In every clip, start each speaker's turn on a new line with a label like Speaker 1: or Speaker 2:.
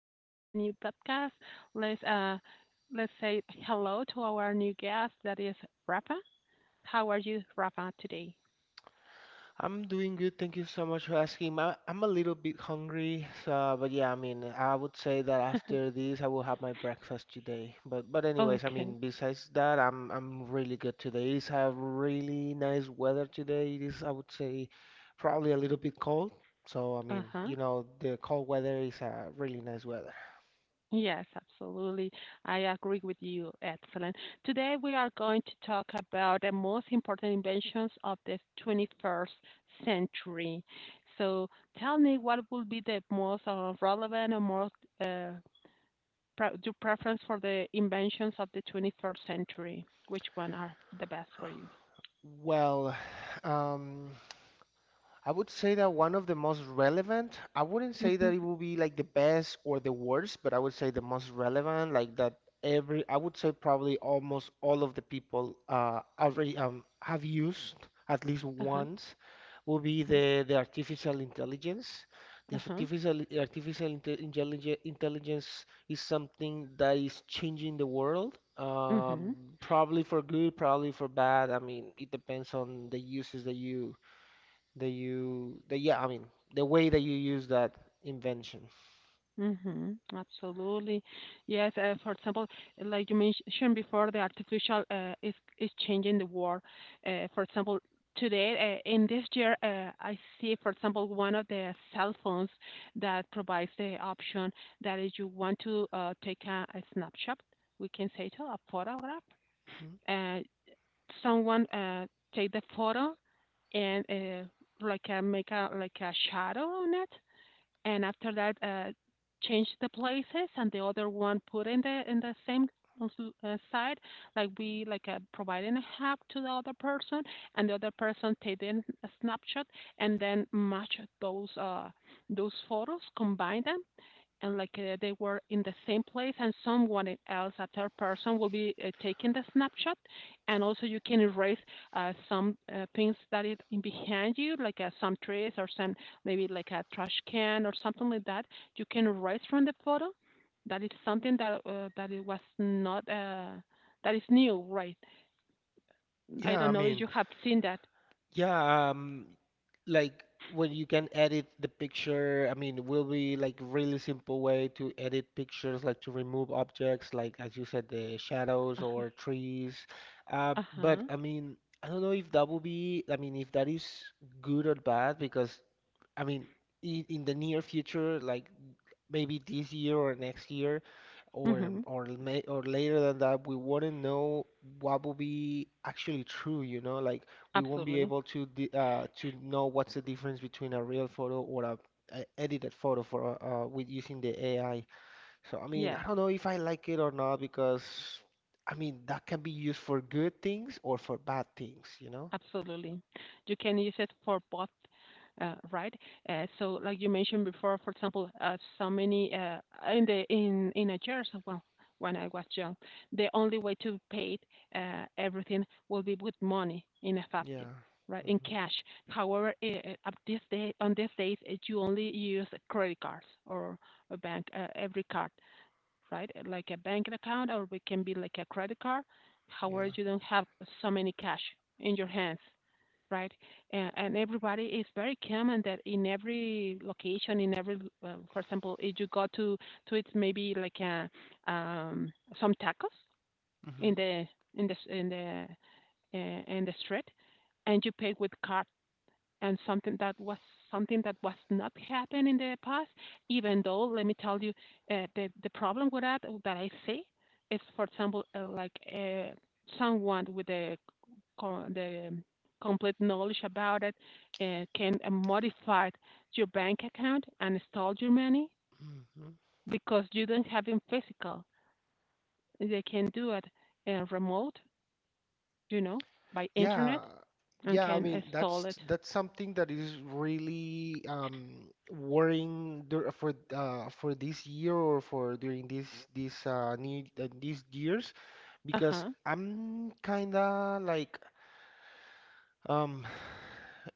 Speaker 1: welcome to the new podcast. Let's uh, let's say hello to our new guest that is Rafa. How are you, Rafa, today?
Speaker 2: I'm doing good. Thank you so much for asking. I'm a little bit hungry, so but yeah, I mean, I would say that after this, I will have my breakfast today. But anyways, I
Speaker 1: Okay.
Speaker 2: mean, besides that, I'm really good today. It's a really nice weather today. It is, I would say, probably a little bit cold. So I mean,
Speaker 1: Uh-huh.
Speaker 2: you know, the cold weather is a really nice weather.
Speaker 1: Yes, absolutely. I agree with you. Excellent. Today we are going to talk about the most important inventions of the 21st century. So tell me what will be the most relevant or most uh, pre- do preference for the inventions of the 21st century? Which one are the best for you?
Speaker 2: Well, um, I would say that one of the most relevant, I wouldn't say
Speaker 1: Mm-hmm.
Speaker 2: that it will be like the best or the worst, but I would say the most relevant, like that every, I would say probably almost all of the people already have used at least
Speaker 1: Uh-huh.
Speaker 2: once, will be
Speaker 1: Uh-huh.
Speaker 2: the artificial intelligence. The
Speaker 1: Uh-huh.
Speaker 2: artificial intelligence is something that is changing the world,
Speaker 1: Mm-hmm.
Speaker 2: probably for good, probably for bad. I mean, it depends on the uses that you that you that yeah, I mean, the way that you use that invention.
Speaker 1: Mm-hmm. Absolutely. Yes. For example, like you mentioned before, the artificial is changing the world. For example, today in this year, I see, for example, one of the cell phones that provides the option that if you want to take a snapshot, we can say to a photograph.
Speaker 2: Mhm.
Speaker 1: Uh, someone take the photo and make a like a shadow on it, and after that change the places, and the other one put in the same side, like we like providing a hack to the other person, and the other person take in a snapshot and then match those those photos, combine them, and they were in the same place and someone else a third person will be taking the snapshot, and also you can erase some things that is in behind you like some trees or some maybe like a trash can or something like that, you can erase from the photo. That is something that that it was not that is new, right? I
Speaker 2: Yeah, I
Speaker 1: don't know if
Speaker 2: mean,
Speaker 1: you have seen that.
Speaker 2: yeah, like when you can edit the picture. I mean, it will be like really simple way to edit pictures, like to remove objects, like as you said, the shadows
Speaker 1: Uh,
Speaker 2: or trees. But
Speaker 1: uh-huh.
Speaker 2: I mean, I don't know if that will be. I mean, if that is good or bad because I mean, in the near future, like maybe this year or next year
Speaker 1: Mhm.
Speaker 2: or may, or later than that, we wouldn't know what will be actually true, you know, like we won't be
Speaker 1: Absolutely.
Speaker 2: able to to know what's the difference between a real photo or a edited photo for with using the AI. So I mean, I
Speaker 1: Yes.
Speaker 2: don't know if I like it or not because I mean that can be used for good things or for bad things, you know?
Speaker 1: Absolutely. You can use it for both, right? So, like you mentioned before, for example, so many in the in Nigeria as well. When I was young, the only way to pay everything will be with money in effective,
Speaker 2: Yeah.
Speaker 1: right? In
Speaker 2: Hmm.
Speaker 1: cash. However, at this day on these days, you only use credit cards or a bank every card, right? Like a bank account, or it can be like a credit card. However,
Speaker 2: Yeah.
Speaker 1: you don't have so many cash in your hands, right? And everybody is very common that in every location, in every, well, for example, if you go to eat maybe like um, some tacos in
Speaker 2: Hmm.
Speaker 1: the in the street, and you pay with card, and something that was not happened in the past, even though let me tell you, the problem with that that I see is, for example, someone with a co- the complete knowledge about it can modify your bank account and store your money
Speaker 2: Hmm.
Speaker 1: because you don't have it physical. They can do it remote, you know, by internet
Speaker 2: Yeah,
Speaker 1: and
Speaker 2: yeah, I
Speaker 1: can
Speaker 2: mean
Speaker 1: install
Speaker 2: that's
Speaker 1: it.
Speaker 2: something that is really worrying dur for this year or for during this this need these years
Speaker 1: Uh
Speaker 2: because
Speaker 1: huh.
Speaker 2: I'm kinda like um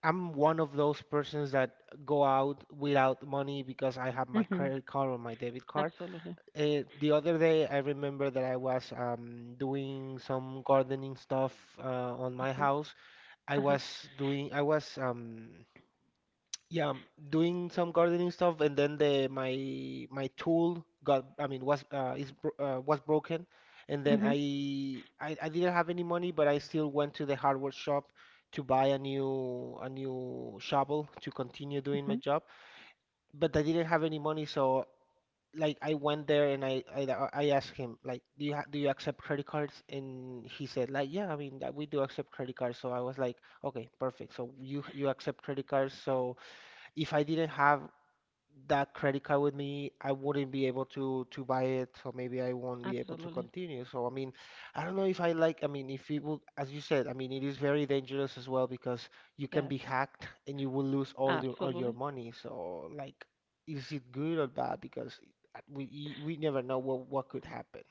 Speaker 2: I'm one of those persons that go out without money because I have my
Speaker 1: Mhm.
Speaker 2: credit card or my debit card.
Speaker 1: Absolutely.
Speaker 2: The other day, I remember that I was doing some gardening stuff on
Speaker 1: Uh
Speaker 2: my
Speaker 1: huh.
Speaker 2: house, I
Speaker 1: Uh huh.
Speaker 2: was doing I was yeah, doing some gardening stuff and then the my tool got, I mean, was broken, and then
Speaker 1: Mhm.
Speaker 2: I didn't have any money, but I still went to the hardware shop to buy a new shovel to continue doing my
Speaker 1: Mhm.
Speaker 2: job. But I didn't have any money, so like I went there, and I asked him like, do you ha do you accept credit cards? And he said like, yeah, I mean that we do accept credit cards. So I was like, okay, perfect. So you accept credit cards. So if I didn't have that credit card with me, I wouldn't be able to buy it, so maybe I won't be able to
Speaker 1: Absolutely.
Speaker 2: continue. So I mean, I don't know if I like, I mean, if it will, as you said, I mean, it is very dangerous as well because you can
Speaker 1: Yes.
Speaker 2: be hacked and you will lose all your
Speaker 1: Absolutely.
Speaker 2: money. So like, is it good or bad? Because we never know what could happen.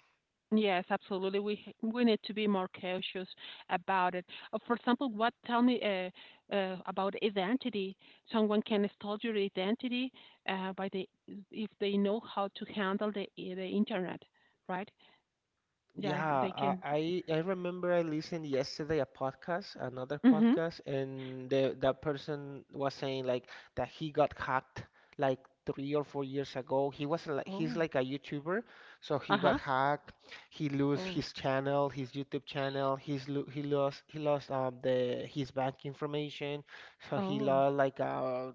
Speaker 1: Yes, absolutely. We h- we need to be more cautious about it. For example, what tell me about identity? Someone can steal your identity by the if they know how to handle the internet, right? Yeah,
Speaker 2: Yeah,
Speaker 1: they
Speaker 2: I
Speaker 1: can.
Speaker 2: I I remember I listened yesterday a podcast, another
Speaker 1: Mm-hmm.
Speaker 2: podcast, and the that person was saying like that he got hacked like 3 or 4 years ago. He was like, he's
Speaker 1: Oh.
Speaker 2: like a YouTuber, so he got
Speaker 1: Uh-huh.
Speaker 2: hacked. He lose
Speaker 1: Oh.
Speaker 2: his channel, his YouTube channel. He lost the his bank information, so he
Speaker 1: Oh.
Speaker 2: lost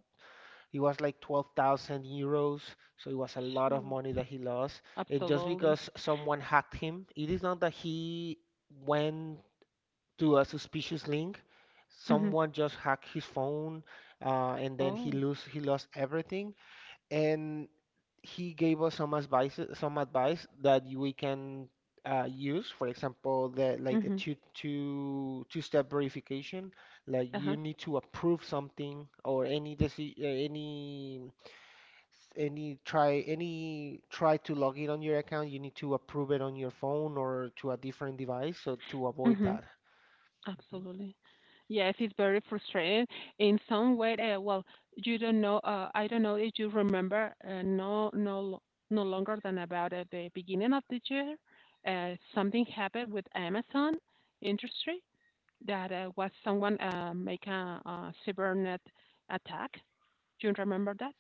Speaker 2: it was like 12,000 euros, so it was a lot of
Speaker 1: Sure.
Speaker 2: money that he lost. And just
Speaker 1: Absolutely.
Speaker 2: because someone hacked him, it is not that he went to a suspicious link.
Speaker 1: Mm-hmm.
Speaker 2: Someone just hacked his phone, and then
Speaker 1: Oh.
Speaker 2: he lost everything. And he gave us some advice that we can use, for example, the, like, the
Speaker 1: Mm-hmm.
Speaker 2: two step verification, like you
Speaker 1: Uh-huh.
Speaker 2: need to approve something or any any try to log in on your account, you need to approve it on your phone or to a different device, so to avoid
Speaker 1: Mm-hmm.
Speaker 2: that. Mhm.
Speaker 1: Absolutely. Yes, it's very frustrating. In some way, well, you don't know. I don't know if you remember. No longer than about at the beginning of the year, something happened with Amazon industry, that was someone make a cybernet attack. Do you remember that?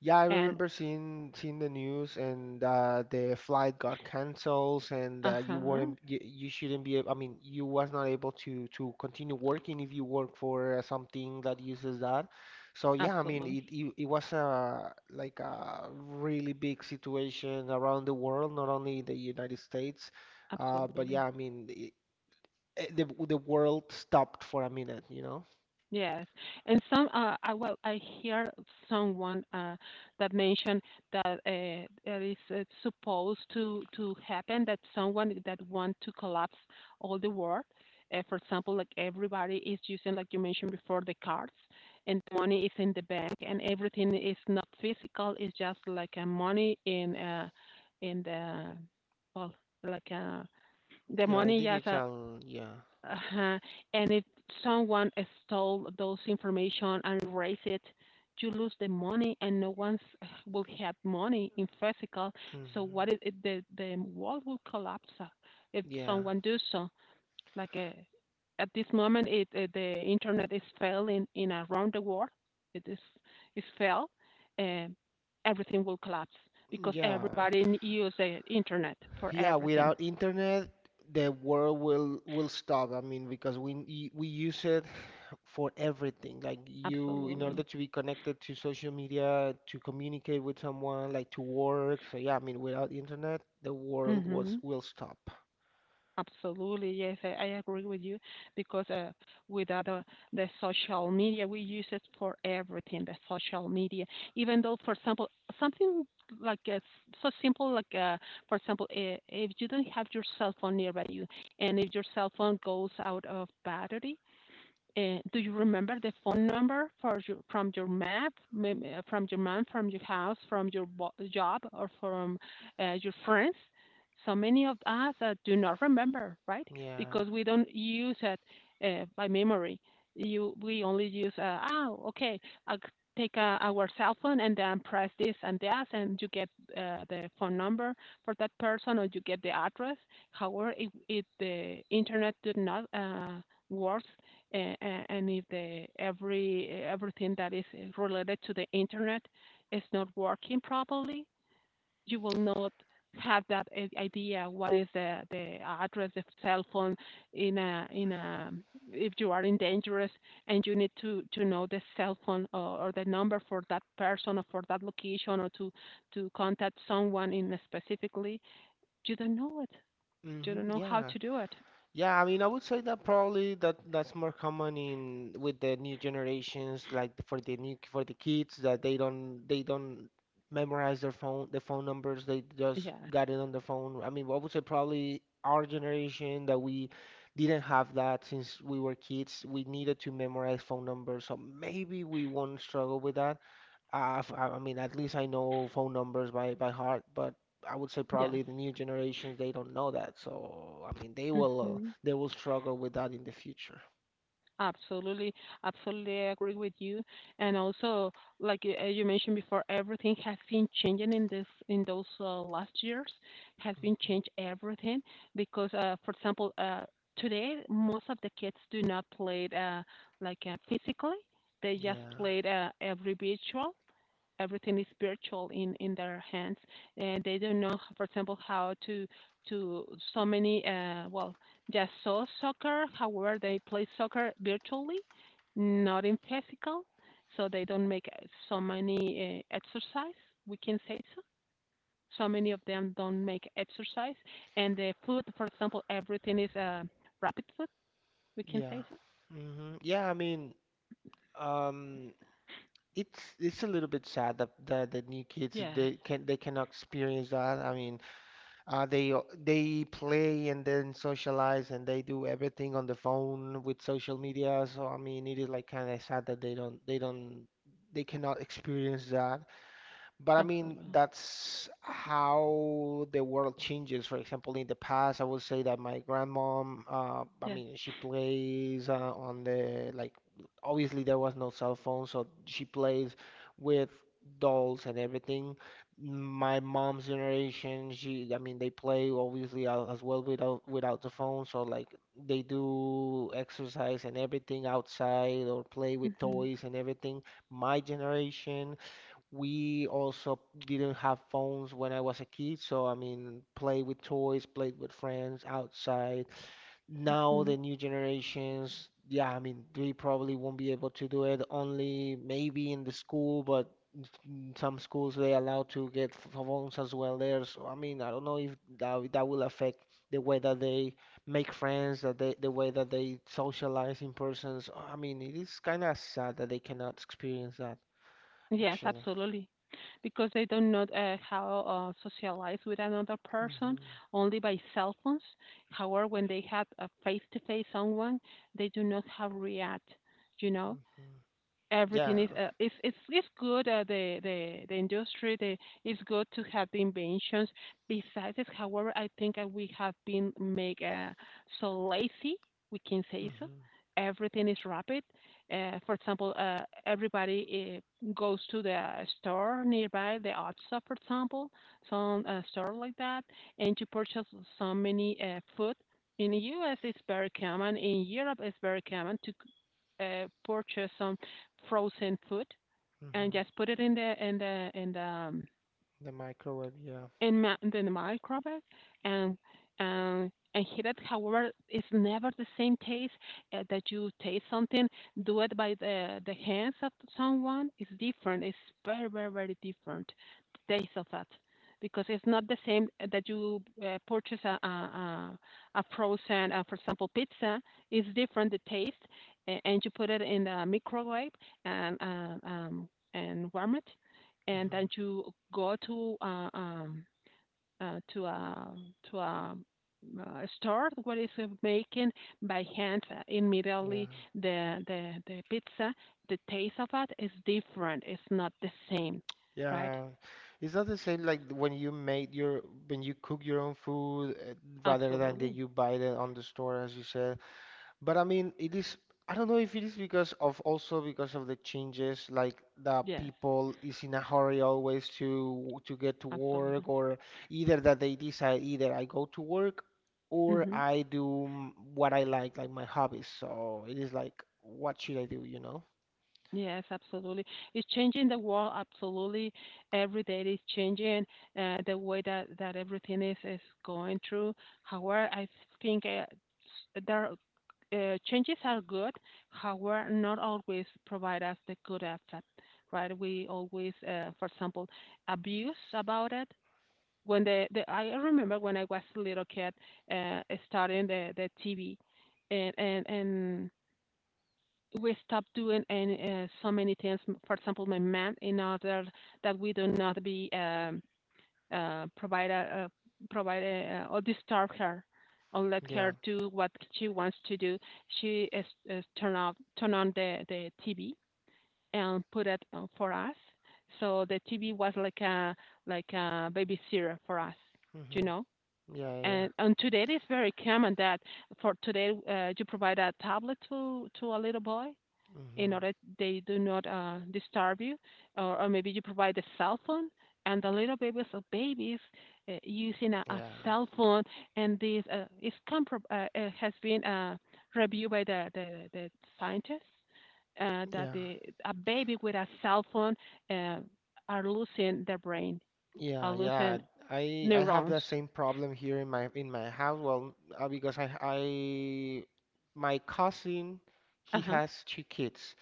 Speaker 2: Yeah, I
Speaker 1: And
Speaker 2: remember seeing the news, and the flight got canceled, and
Speaker 1: uh
Speaker 2: you
Speaker 1: huh,
Speaker 2: weren't you, you shouldn't be I mean, you was not able to continue working if you work for something that uses that. So yeah, I mean
Speaker 1: absolutely,
Speaker 2: it was a like a really big situation around the world, not only the United States, but
Speaker 1: absolutely.
Speaker 2: yeah, I mean the world stopped for a minute, you know?
Speaker 1: Yes, and some I well I hear someone that mentioned that it is supposed to happen that someone that want to collapse all the world, for example, like everybody is using, like you mentioned before, the cards, and the money is in the bank, and everything is not physical; it's just like a money in the well like uh, the
Speaker 2: Yeah,
Speaker 1: money just
Speaker 2: digital, yeah.
Speaker 1: uh-huh. And if someone stole those information and erase it, you lose the money, and no one's will have money in physical. So
Speaker 2: Hmm.
Speaker 1: what is it? The world will collapse if
Speaker 2: Yeah.
Speaker 1: someone do so. Like uh, at this moment, it the internet is failing in around the world. It is fail, and everything will collapse because
Speaker 2: Yeah,
Speaker 1: everybody n- use the internet for
Speaker 2: yeah,
Speaker 1: everything.
Speaker 2: without internet, the world will stop. I mean, because we use it for everything. Like you, in
Speaker 1: Absolutely.
Speaker 2: order to be connected to social media, to communicate with someone, like to work. So yeah, I mean, without internet, the world was
Speaker 1: Hmm.
Speaker 2: will stop.
Speaker 1: Absolutely, yes, I agree with you because with other the social media, we use it for everything. The social media, even though, for example, something like uh, so simple, for example, I- if you don't have your cell phone nearby you, and if your cell phone goes out of battery, do you remember the phone number for your, from your map, mem- from your mom, from your house, from your bo- job, or from your friends? So many of us do not remember, right?
Speaker 2: Yeah.
Speaker 1: Because we don't use it by memory. You, we only use, oh, okay, I'll take our cell phone and then press this and that, and you get the phone number for that person, or you get the address. However, if the internet did not work and if the every eh, everything that is eh, related to the internet is not working properly, you will not have that I- idea what is the address of cell phone in a if you are in dangerous, and you need to know the cell phone or the number for that person or for that location or to contact someone in a specifically, you don't know it, you don't
Speaker 2: Hmm.
Speaker 1: know how
Speaker 2: Yeah.
Speaker 1: to do it.
Speaker 2: Yeah, I mean, I would say that probably that's more common in with the new generations, like for the new for the kids that they don't memorize their phone the phone numbers. They just
Speaker 1: Yes.
Speaker 2: got it on the phone. I mean, I would say probably our generation that we didn't have that since we were kids. We needed to memorize phone numbers, so maybe we won't struggle with that. I mean, at least I know phone numbers by heart, but I would say
Speaker 1: Yes.
Speaker 2: probably the new generations, they don't know that. So, I mean,
Speaker 1: Hmm.
Speaker 2: they will struggle with that in the future.
Speaker 1: Absolutely, absolutely agree with you. And also, like you, as you mentioned before, everything has been changing in this in those last years, has been
Speaker 2: Hmm.
Speaker 1: changed everything because, for example, today most of the kids do not play it, physically; they just
Speaker 2: Yeah.
Speaker 1: play it, virtual, everything is virtual in their hands, and they don't know, for example, how to, so many uh, well, just saw soccer, however they play soccer virtually, not in physical, so they don't make so many exercise, we can say, so so many of them don't make exercise. And the food, for example, everything is rapid food, we can
Speaker 2: Yeah.
Speaker 1: say so.
Speaker 2: Hmm. Yeah, I mean, um, it's a little bit sad that, that the new kids
Speaker 1: Yes,
Speaker 2: they cannot experience that. I mean, uh, they play and then socialize and they do everything on the phone with social media. So I mean, it is like kind of sad that they don't they cannot experience that. But I mean,
Speaker 1: absolutely.
Speaker 2: that's how the world changes. For example, in the past, I would say that my grandmom, I
Speaker 1: Yes.
Speaker 2: mean, she plays on the, like, obviously there was no cell phone, so she plays with dolls and everything. My mom's generation, she, I mean, they play obviously as well without without the phone, so like they do exercise and everything outside or play with
Speaker 1: Hmm.
Speaker 2: toys and everything. My generation. We also didn't have phones when I was a kid, so I mean, play with toys, played with friends outside. Now
Speaker 1: Hmm.
Speaker 2: the new generations, yeah, I mean, they probably won't be able to do it, only maybe in the school, but in some schools they allow to get phones as well there. So I mean, I don't know if that that will affect the way that they make friends, that they the way that they socialize in person. So, I mean, it is kind of sad that they cannot experience that
Speaker 1: Yes,
Speaker 2: actually.
Speaker 1: absolutely. Because they do not how socialize with another person,
Speaker 2: Hmm.
Speaker 1: only by cell phones. However, when they have a face-to-face someone, they do not have react, you know,
Speaker 2: Hmm.
Speaker 1: everything
Speaker 2: Yeah.
Speaker 1: is it's good the industry, the it's good to have the inventions besides this. However, I think we have been make so lazy we can say so
Speaker 2: Hmm.
Speaker 1: everything is rapid for example everybody goes to the store nearby the otsa for example some store like that and to purchase so many food in the us it's very common in europe it's very common to purchase some frozen food and
Speaker 2: Hmm.
Speaker 1: just put it in the in the in the
Speaker 2: The microwave, yeah.
Speaker 1: in ma- in the microwave and and heat it. However, it's never the same taste that you taste something. Do it by the hands of someone. It's different. It's very very very different the taste of that because it's not the same eh, that you purchase a frozen, for example, pizza. It's different the taste, a- and you put it in the microwave and uh, um and warm it and then
Speaker 2: Hmm.
Speaker 1: you go uh, to a to a store what is making by hand
Speaker 2: Yeah.
Speaker 1: immediately the pizza the taste of it is different it's not the same right
Speaker 2: Yeah. Is that the same like when you made your when you cook your own food rather than that
Speaker 1: absolutely
Speaker 2: you buy it on the store, as you said? But I mean, it is, I don't know if it is because of also because of the changes, like the
Speaker 1: yes
Speaker 2: people is in a hurry always to get to work,
Speaker 1: absolutely
Speaker 2: or either that they decide either I go to work or
Speaker 1: hmm
Speaker 2: I do what I like my hobbies. So it is like, what should I do, you know?
Speaker 1: yes absolutely it's changing the world absolutely every day it's changing the way that that everything is going through however I think s- there changes are good, however, not always provide us the good effect, right? We always, for example, abuse about it. When the I remember when I was a little kid, uh, starting the TV, and we stopped doing and so many things. For example, my man, in order that we do not be uh, provide a, a provide a, or disturb her, or let
Speaker 2: Yeah.
Speaker 1: her do what she wants to do. She is, turn on the TV and put it on for us. So the TV was like a babysitter for us, you
Speaker 2: Hmm.
Speaker 1: know.
Speaker 2: Yeah, yeah.
Speaker 1: And today it is very common that for today you provide a tablet to a little boy in
Speaker 2: Hmm.
Speaker 1: order they do not disturb you, or maybe you provide a cell phone. And the little babies or babies using a
Speaker 2: Yeah.
Speaker 1: cell phone, and this has been reviewed by the scientists, uh, that
Speaker 2: Yeah.
Speaker 1: the, a baby with a cell phone uh, are losing their brain, are
Speaker 2: Yeah, yeah.
Speaker 1: losing
Speaker 2: I have
Speaker 1: neurons.
Speaker 2: the same problem here in my house. Well, because I my cousin,
Speaker 1: Uh
Speaker 2: he
Speaker 1: huh.
Speaker 2: has two kids.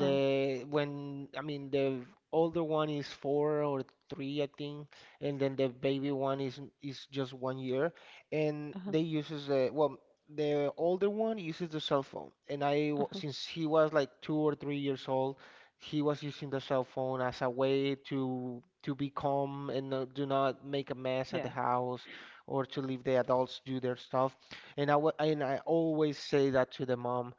Speaker 1: Oh,
Speaker 2: when I mean the older one is four or three, I think, and then the baby one is just 1 year, and
Speaker 1: uh huh.
Speaker 2: they uses the the older one uses the cell phone, and
Speaker 1: Uh huh.
Speaker 2: since he was like 2 or 3 years old, he was using the cell phone as a way to be calm and do not make a mess at the
Speaker 1: Yes.
Speaker 2: house or to leave the adults do their stuff. And and I always say that to the mom,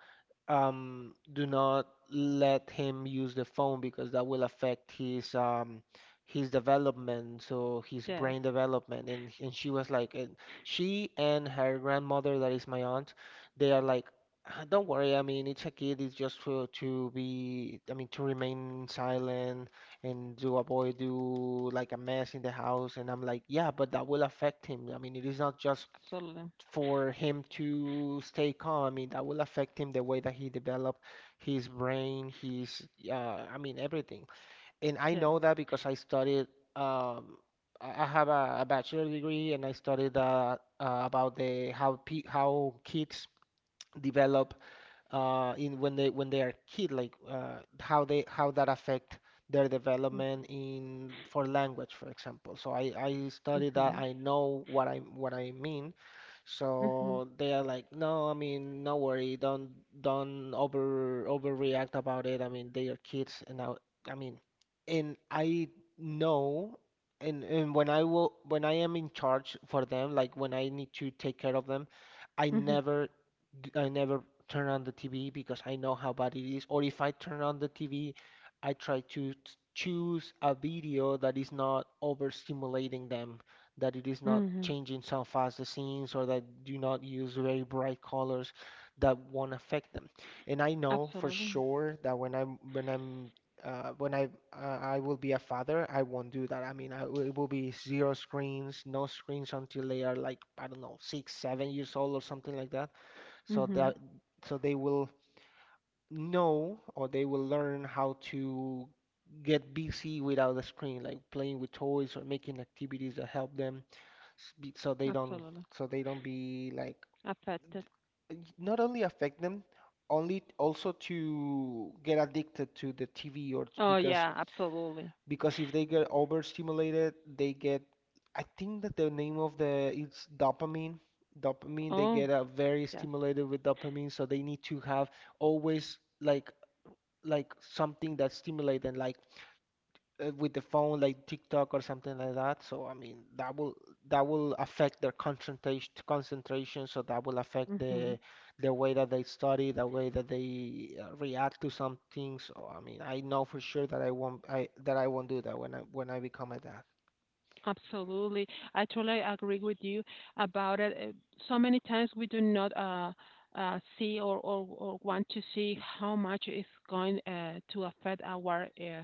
Speaker 2: do not let him use the phone because that will affect his development, so his
Speaker 1: Yes.
Speaker 2: brain development. And she was like, and she and her grandmother, that is my aunt, they are like, "Ah, don't worry. I mean, it's a kid. It's just for to be, I mean, to remain silent and to avoid do like a mess in the house. And I'm like, yeah, but that will affect him. I mean, it is not just
Speaker 1: Absolutely.
Speaker 2: for him to stay calm, I mean, that will affect him the way that he develop his brain, his everything. And I
Speaker 1: Yes.
Speaker 2: know that because I studied um, I have a bachelor degree and I studied about the how kids develop in when they are kid, like how they how that affect their
Speaker 1: Mm-hmm.
Speaker 2: development in for language, for example. So I studied that.
Speaker 1: Mm-hmm.
Speaker 2: I know what I mean.
Speaker 1: Mm-hmm.
Speaker 2: So they are like, no, I mean, no worry, don't overreact about it. I mean, they are kids, and now, I mean, and I know, and when I am in charge for them, like when I need to take care of them, I
Speaker 1: Mm-hmm.
Speaker 2: never, I never turn on the TV because I know how bad it is. Or if I turn on the TV, I try to choose a video that is not overstimulating them, that it is not
Speaker 1: Mhm.
Speaker 2: changing some fast scenes, or that do not use very bright colors that won't affect them. And I know for
Speaker 1: Absolutely.
Speaker 2: sure that when I'm when I'm when I will be a father, I won't do that. I mean, I it will be zero screens, no screens until they are like I don't know six, 7 years old or something like that. So
Speaker 1: Mhm.
Speaker 2: that so they will know, or they will learn how to get busy without a screen, like playing with toys or making activities that help them so they don't,
Speaker 1: Absolutely.
Speaker 2: so they don't be like,
Speaker 1: Affected.
Speaker 2: not only affect them, only also to get addicted to the TV
Speaker 1: Oh,
Speaker 2: because
Speaker 1: yeah, absolutely.
Speaker 2: because if they get overstimulated they get, I think that the name of the it's dopamine, they
Speaker 1: Oh,
Speaker 2: get very
Speaker 1: yes.
Speaker 2: stimulated with dopamine so they need to have always like something that stimulates them, like with the phone like TikTok or something like that. So I mean that will affect their concentration. So that will affect
Speaker 1: Mhm.
Speaker 2: the way that they study, the way that they react to some things. So I mean I know for sure that I won't I that I won't do that when I become a dad.
Speaker 1: Absolutely. I totally agree with you about it. So many times we do not see or want to see how much it's going to affect our uh,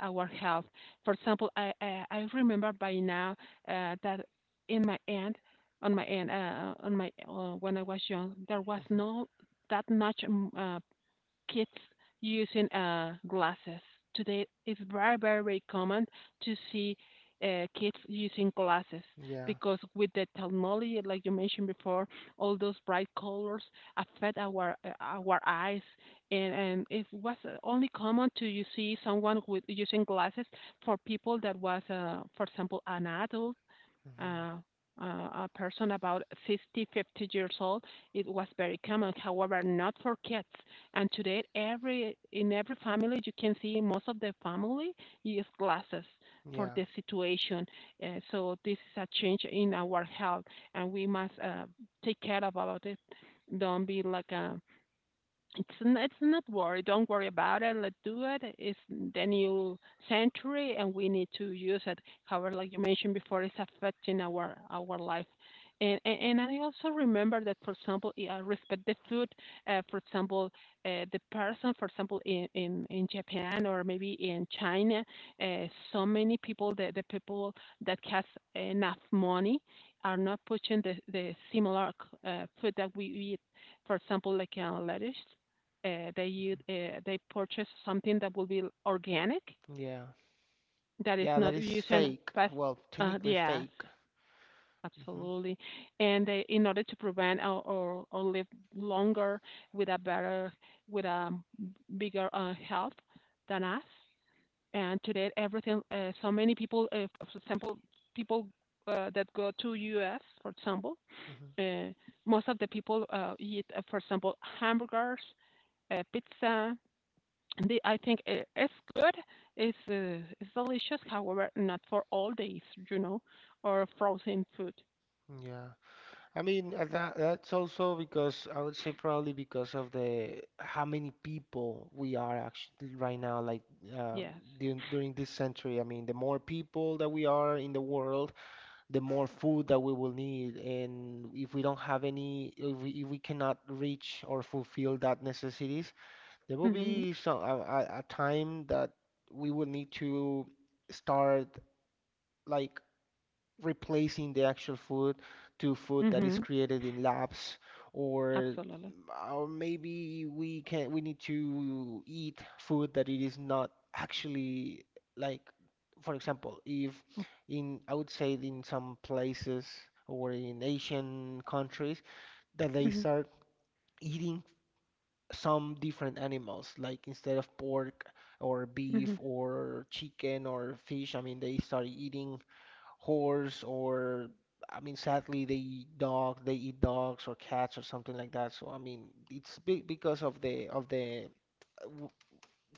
Speaker 1: our health. For example, I remember by now that in my end, on my end, on my when I was young, there was
Speaker 2: Hmm.
Speaker 1: no that much kids using glasses. Today, it's very, very, very common to see kids using glasses
Speaker 2: Yeah.
Speaker 1: because with the technology, like you mentioned before, all those bright colors affect our eyes, and it was only common to you see someone with using glasses for people that was, for example, an adult,
Speaker 2: Hmm.
Speaker 1: uh, uh, a person about 50, 50 years old. It was very common. However, not for kids. And today, every in every family, you can see most of the family use glasses for
Speaker 2: Yeah.
Speaker 1: the situation. So this is a change in our health, and we must take care about it. Don't be like a it's not worry. Don't worry about it. Let's do it. It's the new century, and we need to use it. However, like you mentioned before, it's affecting our life. And I also remember that, for example, I respect the food. For example, the person, for example, in Japan or maybe in China, uh, so many people, the people that has enough money, are not putting the similar food that we eat, for example, like lettuce. They purchase something that will be organic,
Speaker 2: Yeah.
Speaker 1: that is
Speaker 2: Yeah. That
Speaker 1: not
Speaker 2: is
Speaker 1: using
Speaker 2: fake.
Speaker 1: past.
Speaker 2: Well, technically
Speaker 1: Yes,
Speaker 2: fake. Hmm.
Speaker 1: absolutely. And they, in order to prevent or live longer with a better, with a bigger health than us. And today, everything. So many people, for example, people that go to U.S., for example,
Speaker 2: Hmm.
Speaker 1: uh, most of the people eat, for example, hamburgers, pizza. I think it's good. It's delicious. However, not for all days, you know, or frozen food.
Speaker 2: Yeah. I mean, that's also because I would say probably because of the how many people we are actually right now, like uh,
Speaker 1: Yes.
Speaker 2: during, this century. I mean, the more people that we are in the world, the more food that we will need. And if we don't have any, if we cannot reach or fulfill that necessities, there will
Speaker 1: Mhm.
Speaker 2: be some a time that we will need to start like replacing the actual food to food that is
Speaker 1: Mhm.
Speaker 2: created in labs, or
Speaker 1: Absolutely.
Speaker 2: or maybe we can we need to eat food that it is not actually like, for example, if in I would say in some places or in Asian countries that they
Speaker 1: Mhm.
Speaker 2: start eating some different animals, like instead of pork or
Speaker 1: Mhm.
Speaker 2: beef or chicken or fish, I mean they start eating horse, or I mean sadly they eat dog they eat dogs or cats or something like that. So I mean it's be because of the w-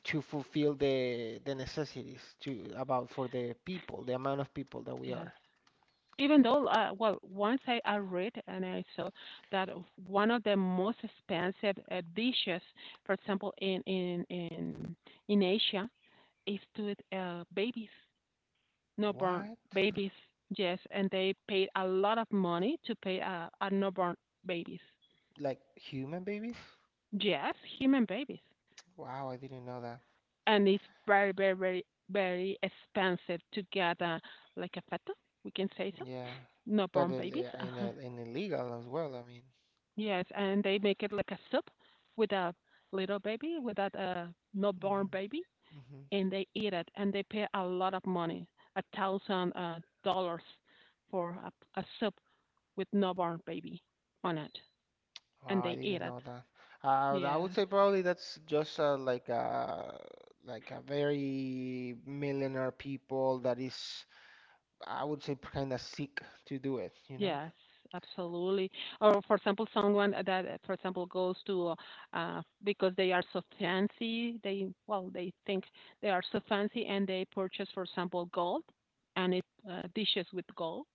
Speaker 2: to fulfill the necessities to about for the people, the amount of people that we
Speaker 1: Yes.
Speaker 2: are.
Speaker 1: Even though, well, once I read and I saw that of one of the most expensive dishes, for example, in Asia, is to babies. Newborn
Speaker 2: What,
Speaker 1: babies. Yes, and they paid a lot of money to pay a newborn babies.
Speaker 2: like human babies?
Speaker 1: Yes, human babies,
Speaker 2: Wow, I didn't know that.
Speaker 1: and it's very, very, very, very expensive to get a like a fetus. We can say so.
Speaker 2: Yeah, but
Speaker 1: Newborn babies. Uh-huh.
Speaker 2: in illegal as well, I mean.
Speaker 1: Yes, and they make it like a soup with a little baby, with that newborn baby,
Speaker 2: Hmm.
Speaker 1: and they eat it, and they pay a lot of money, 1,000 dollars for a soup with newborn baby on it. And
Speaker 2: Wow, I
Speaker 1: they eat
Speaker 2: didn't
Speaker 1: it.
Speaker 2: know that. I would
Speaker 1: Yes.
Speaker 2: say probably that's just like a, like a very millionaire people that is, I would say, kind of sick to do it, you know?
Speaker 1: Yes, absolutely. Or for example, someone that, for example, goes to because they are so fancy, they, well, they think they are so fancy, and they purchase, for example, gold and it dishes with gold.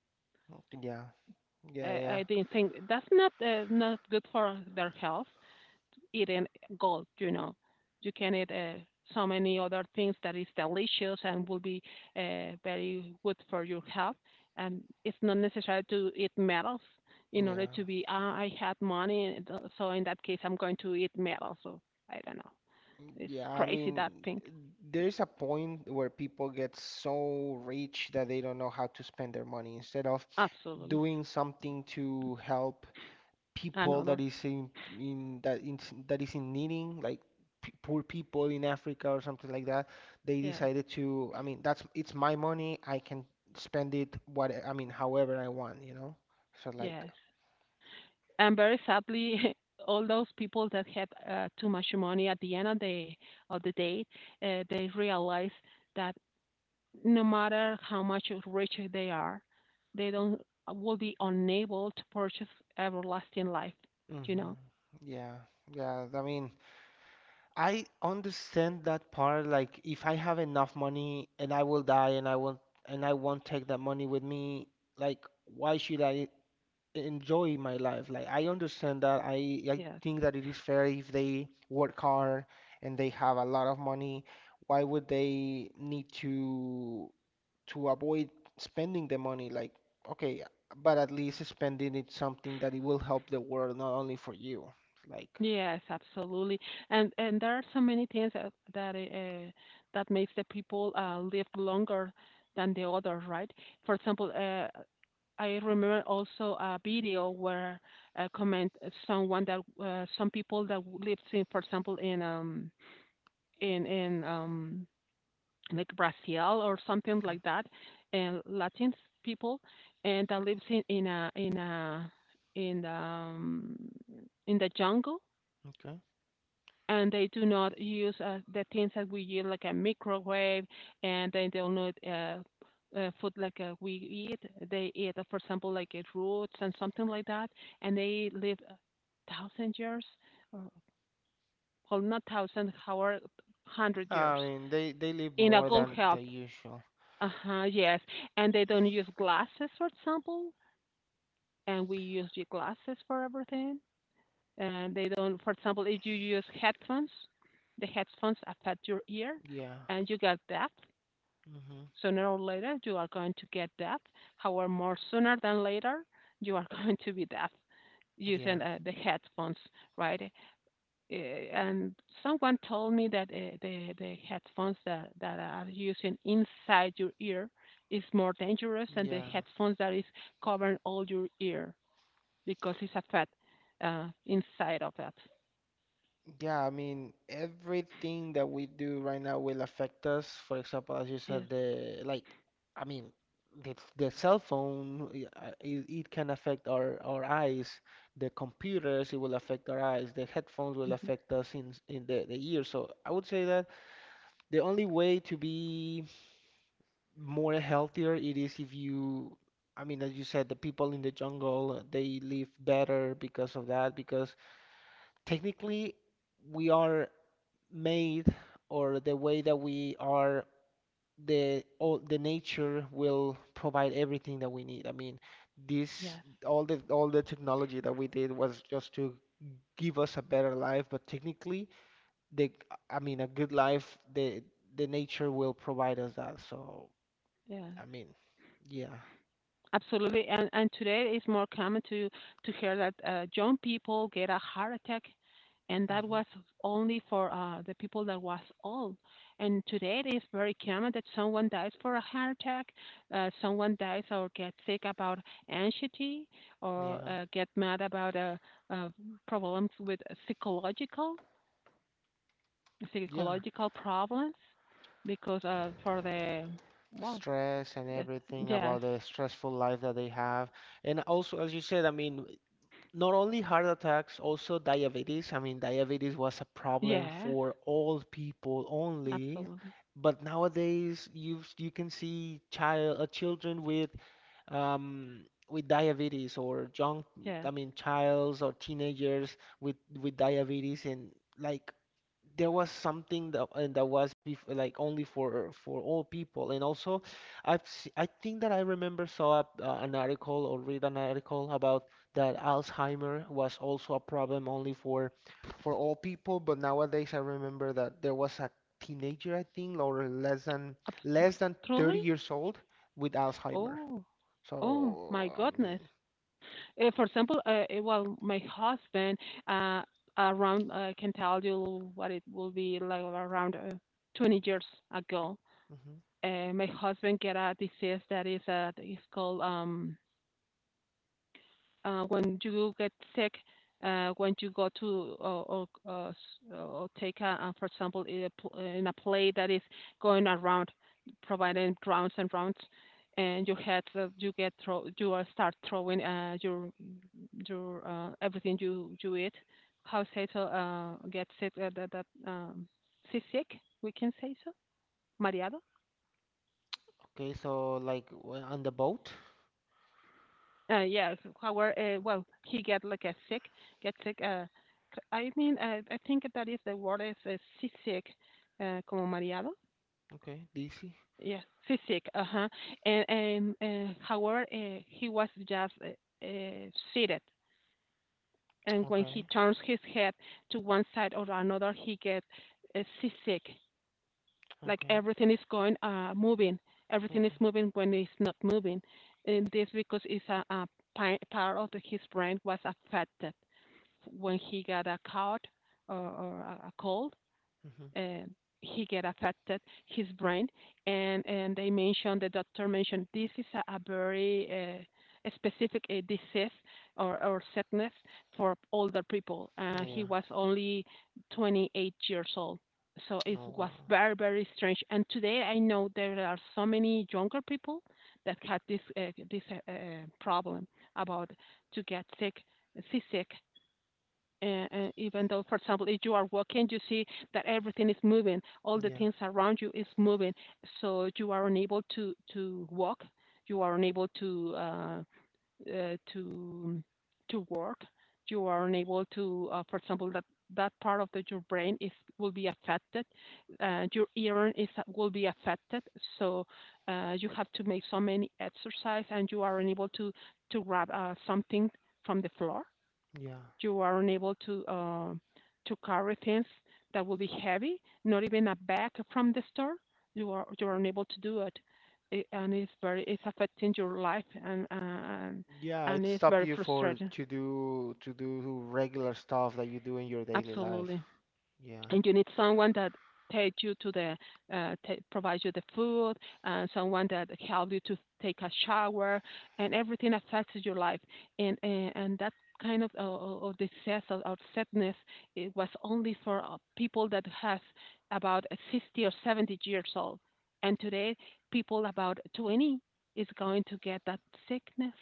Speaker 2: Yeah, yeah,
Speaker 1: I,
Speaker 2: yeah,
Speaker 1: I didn't think that's not not good for their health. Eat in gold, you know. You can eat so many other things that is delicious and will be very good for your health. And it's not necessary to eat metals in order
Speaker 2: yeah.
Speaker 1: to be, I had money, so in that case, I'm going to eat metals. So I don't know. It's
Speaker 2: Yeah, I
Speaker 1: crazy that
Speaker 2: mean,
Speaker 1: thing.
Speaker 2: there is a point where people get so rich that they don't know how to spend their money. Instead of
Speaker 1: Absolutely.
Speaker 2: doing something to help people that
Speaker 1: Another.
Speaker 2: is in, in that in, that is in needing, like p poor people in Africa or something like that, they
Speaker 1: Yes.
Speaker 2: decided to, I mean that's it's my money, I can spend it what I mean however I want, you know? So like,
Speaker 1: Yes. And very sadly, all those people that had too much money at the end of the day, they realize that no matter how much rich they are, they don't will be unable to purchase everlasting life. You know.
Speaker 2: mhm, yeah, yeah, I mean, I understand that part. Like, if I have enough money and I will die and I won't, take that money with me, like, why should I enjoy my life? Like, I understand that. I
Speaker 1: Yes.
Speaker 2: think that it is fair if they work hard and they have a lot of money. Why would they need to avoid spending the money? Like, okay, but at least spending it something that it will help the world, not only for you. Like,
Speaker 1: Yes, absolutely. And there are so many things that makes the people live longer than the others, right? For example, I remember also a video where comment, someone that, some people that lives in, for example, in like Brazil or something
Speaker 2: mhm,
Speaker 1: like that, and Latin people, and that lives in the in the jungle,
Speaker 2: okay.
Speaker 1: and they do not use the things that we use like a microwave, and they don't know. Food like we eat, they eat, for example, like roots and something like that, and they live 1,000 years, or, well, not thousand, however, hundred
Speaker 2: I
Speaker 1: years
Speaker 2: mean, they live
Speaker 1: in a
Speaker 2: more
Speaker 1: good
Speaker 2: than the
Speaker 1: health.
Speaker 2: usual.
Speaker 1: Uh-huh, yes. And they don't use glasses, for example, and we use the glasses for everything. And they don't, for example, if you use headphones, the headphones affect your ear
Speaker 2: Yeah.
Speaker 1: and you get deaf.
Speaker 2: Hmm.
Speaker 1: Sooner or later, you are going to get deaf. However, more sooner than later, you are going to be deaf
Speaker 2: Yeah.
Speaker 1: using the headphones, right? And someone told me that the headphones that are using inside your ear is more dangerous than the
Speaker 2: Yeah.
Speaker 1: headphones that is covering all your ear because it's a fat inside of that.
Speaker 2: Yeah, I mean, everything that we do right now will affect us. For example, as you said,
Speaker 1: Yes.
Speaker 2: the like, I mean, the cell phone, it, it can affect our eyes. The computers, it will affect our eyes. The headphones will
Speaker 1: Hmm.
Speaker 2: affect us in the ear. So I would say that the only way to be more healthier it is if you, I mean, as you said, the people in the jungle, they live better because of that, because technically we are made or the way that we are, the all the nature will provide everything that we need. I mean, this
Speaker 1: Yes.
Speaker 2: all the technology that we did was just to give us a better life, but technically the, I mean a good life, the nature will provide us that. So,
Speaker 1: Yes.
Speaker 2: I mean, yeah.
Speaker 1: Absolutely, and today it's more common to hear that young people get a heart attack, and that
Speaker 2: Hmm.
Speaker 1: was only for the people that was old. And today it is very common that someone dies for a heart attack, someone dies or gets sick about anxiety, or
Speaker 2: Yeah,
Speaker 1: get mad about uh, problems with psychological
Speaker 2: yeah,
Speaker 1: psychological problems, because for the well
Speaker 2: stress and
Speaker 1: that.
Speaker 2: everything
Speaker 1: Yes.
Speaker 2: about the stressful life that they have. And also, as you said, I mean, not only heart attacks, also diabetes. I mean, diabetes was a problem
Speaker 1: Yes,
Speaker 2: for old people only,
Speaker 1: absolutely.
Speaker 2: but nowadays you you can see children with diabetes or young, I
Speaker 1: Yes,
Speaker 2: mean, childs or teenagers with diabetes and like there was something that and that was bef like only for all people. And also I've I think that I remember saw an article or read an article about that Alzheimer was also a problem only for all people, but nowadays I remember that there was a teenager I think, or less than,
Speaker 1: abs-
Speaker 2: less than 30
Speaker 1: truly.
Speaker 2: years old with Alzheimer.
Speaker 1: Oh, oh my
Speaker 2: So I
Speaker 1: goodness.
Speaker 2: mean,
Speaker 1: For example, well, my husband, uh, around I can tell you what it will be like around 20 years ago.
Speaker 2: mhm.
Speaker 1: My husband get a disease that is called, when you get sick, when you go to, or take for example, in in a play that is going around, providing rounds and rounds, and you get throw you are start throwing your everything you eat. How say so? Get sick, that that seasick? We can say so. Mareado.
Speaker 2: Okay so like on the boat?
Speaker 1: Yes, however, well, he get sick. I mean, I think that is the word is seasick, como mareado.
Speaker 2: Okay. DC.
Speaker 1: Yes, seasick. Uh huh. And however, he was just seated, and when he
Speaker 2: Okay,
Speaker 1: turns his head to one side or another, he get seasick. Like
Speaker 2: okay,
Speaker 1: everything is going, moving. Everything is
Speaker 2: okay.
Speaker 1: moving when it's not moving, and this because it's a part of his brain was affected when he got a cold, or, or a cold,
Speaker 2: Hmm.
Speaker 1: and he get affected his brain, and the doctor mentioned this is a very, a specific disease or sickness for older people. He
Speaker 2: Yeah.
Speaker 1: was only 28 years old. So it
Speaker 2: Oh
Speaker 1: was
Speaker 2: wow.
Speaker 1: very, very strange. And today I know there are so many younger people that had this problem about to get sick, seasick, even though, for example, if you are walking, you see that everything is moving, all the
Speaker 2: Yeah.
Speaker 1: things around you is moving, so you are unable to walk, you are unable uh, to to work, you are unable to, for example, that part of your brain is will be affected, your ear is will be affected, so you have to make so many exercise, and you are unable to grab something from the floor,
Speaker 2: Yeah.
Speaker 1: you are unable to carry things that will be heavy, not even a bag from the store. You are unable to do it, and it's affecting your life and and
Speaker 2: Yeah,
Speaker 1: and
Speaker 2: it
Speaker 1: it's
Speaker 2: stop
Speaker 1: very
Speaker 2: you for
Speaker 1: frustrating.
Speaker 2: to do regular stuff that you do in your daily life.
Speaker 1: Absolutely.
Speaker 2: Yeah.
Speaker 1: And you need someone that take you to the provide you the food, and someone that help you to take a shower, and everything affects your life, and that kind of distress, or sadness. It was only for people that has about 60 or 70 years old. And today people about 20 is going to get that sickness.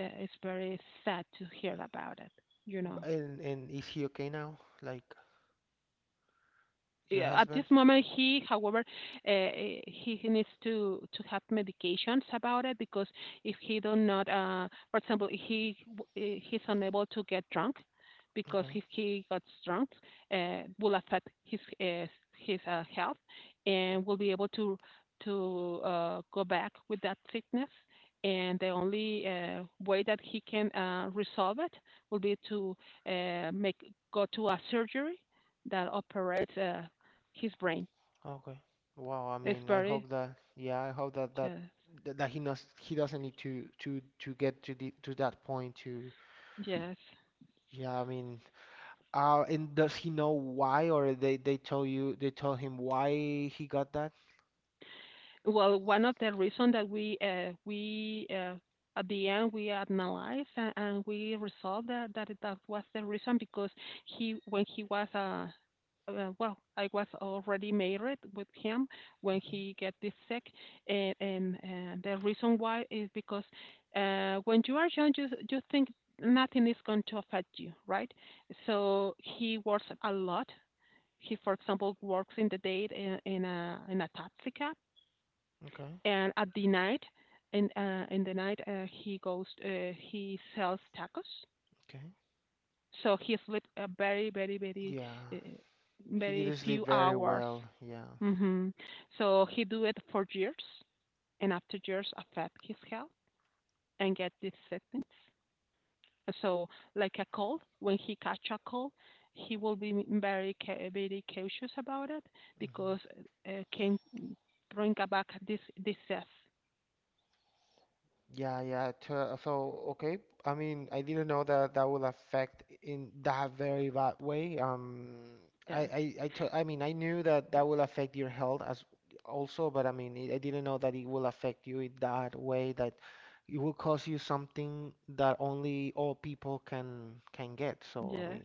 Speaker 1: It's very sad to hear about it you know
Speaker 2: And is he okay now? Like your
Speaker 1: yeah, at this
Speaker 2: husband?
Speaker 1: moment he, however, he needs to have medications about it. Because if he do not, for example, if he, he's unable to get drunk. Because
Speaker 2: Okay.
Speaker 1: if he gets drunk, will affect his health, and will be able to go back with that sickness. And the only way that he can resolve it will be to make, go to a surgery that operates his brain.
Speaker 2: Okay. Wow, I
Speaker 1: It's
Speaker 2: mean, I
Speaker 1: very,
Speaker 2: hope that, yeah, I hope that
Speaker 1: yes,
Speaker 2: that that he knows, he doesn't need to get to the to that point to,
Speaker 1: yes.
Speaker 2: yeah, I mean, and does he know why, or they told you, they told him why he got that?
Speaker 1: Well, one of the reasons that we, at the end we analyzed, and we resolved that, that was the reason, because he, when he was, well, I was already married with him when
Speaker 2: Hmm.
Speaker 1: he get this sick. And the reason why is because when you are young, you think nothing is going to affect you, right? So he works a lot. He, for example, works in the day, in a taxi cab,
Speaker 2: Okay,
Speaker 1: and at the night, in the night, he goes, he sells tacos.
Speaker 2: okay.
Speaker 1: So he sleeps a very uh,
Speaker 2: Yeah, he
Speaker 1: very
Speaker 2: didn't sleep
Speaker 1: few
Speaker 2: very
Speaker 1: hours.
Speaker 2: well. Yeah.
Speaker 1: Hmm. So he do it for years, and after years affect his health and get these symptoms. So, like a cold, when he catch a cold, he will be very very cautious about it,
Speaker 2: Hmm.
Speaker 1: because can bring back this disease.
Speaker 2: Yeah, yeah. So, okay. I mean, I didn't know that that will affect in that very bad way.
Speaker 1: Yes,
Speaker 2: I mean, I knew that that will affect your health as also, but I mean, I didn't know that it will affect you in that way that it will cause you something that only old people can get. So, I
Speaker 1: yes.
Speaker 2: mean,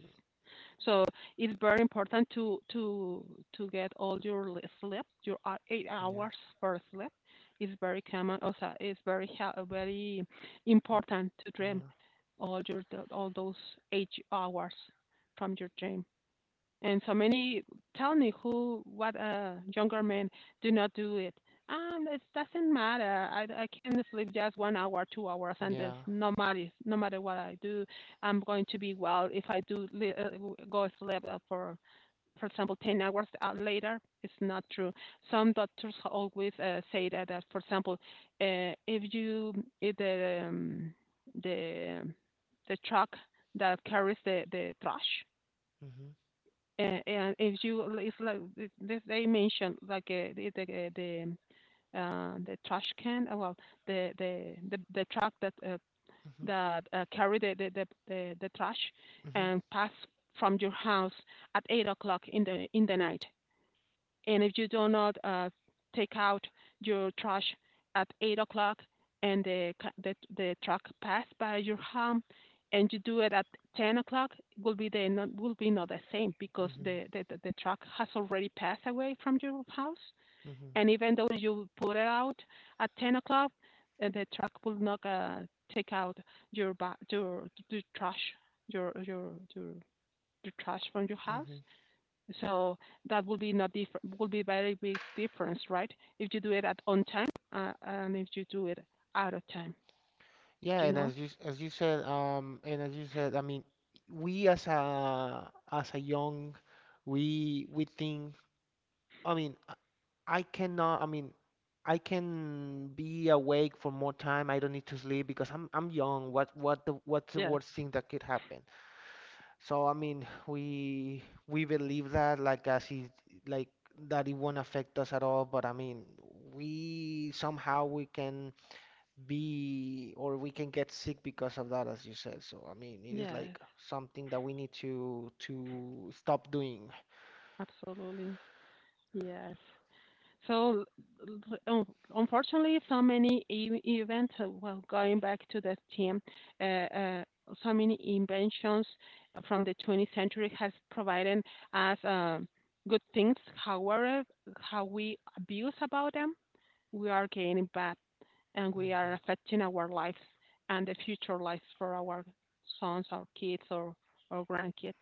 Speaker 1: So it's very important to get all your sleep, your eight
Speaker 2: yeah,
Speaker 1: hours for sleep. It's very common. Also, it's very very important to dream
Speaker 2: yeah,
Speaker 1: all your all those 8 hours from your dream. And so many tell me who, what younger men do not do it. It doesn't matter. I can sleep just 1 hour, 2 hours, and it's
Speaker 2: yeah.
Speaker 1: no matter what I do, I'm going to be well. If I do go sleep for example, 10 hours out later, it's not true. Some doctors always say that, for example, if you, if the the truck that carries the trash,
Speaker 2: Mhm,
Speaker 1: and if you, it's like this, they mentioned like the trash can. Well, the truck that
Speaker 2: mhm,
Speaker 1: carry the trash,
Speaker 2: mhm,
Speaker 1: and pass from your house at 8 o'clock in the night. And if you do not take out your trash at 8 o'clock, and the truck pass by your home, and you do it at 10 o'clock, it will be the not, will be not the same, because the,
Speaker 2: mhm,
Speaker 1: the the the truck has already passed away from your house.
Speaker 2: mhm,
Speaker 1: And even though you put it out at 10 o'clock, the truck will not, take out your, your trash, your your your your trash from your house.
Speaker 2: mhm.
Speaker 1: So that will be not different, will be very big difference, right? If you do it at on time, and if you do it out of time,
Speaker 2: Yeah,
Speaker 1: you
Speaker 2: and
Speaker 1: know?
Speaker 2: as you as you said, and as you said, I mean, we as a, as a young, we think. I mean, I cannot. I mean, I can be awake for more time. I don't need to sleep because I'm young. What the what's the
Speaker 1: Yes,
Speaker 2: worst thing that could happen? So I mean, we believe that like as it, like that it won't affect us at all. But I mean, we somehow we can be or we can get sick because of that, as you said. So, I mean, it is
Speaker 1: yes,
Speaker 2: like something that we need to stop doing.
Speaker 1: absolutely. Yes. So, l- unfortunately, so many events, well, going back to the theme, uh, uh, so many inventions from the 20th century has provided us good things. However, how we abuse about them, we are gaining bad, and we
Speaker 2: Mhm.
Speaker 1: are affecting our lives and the future lives for our sons, our kids, or grandkids,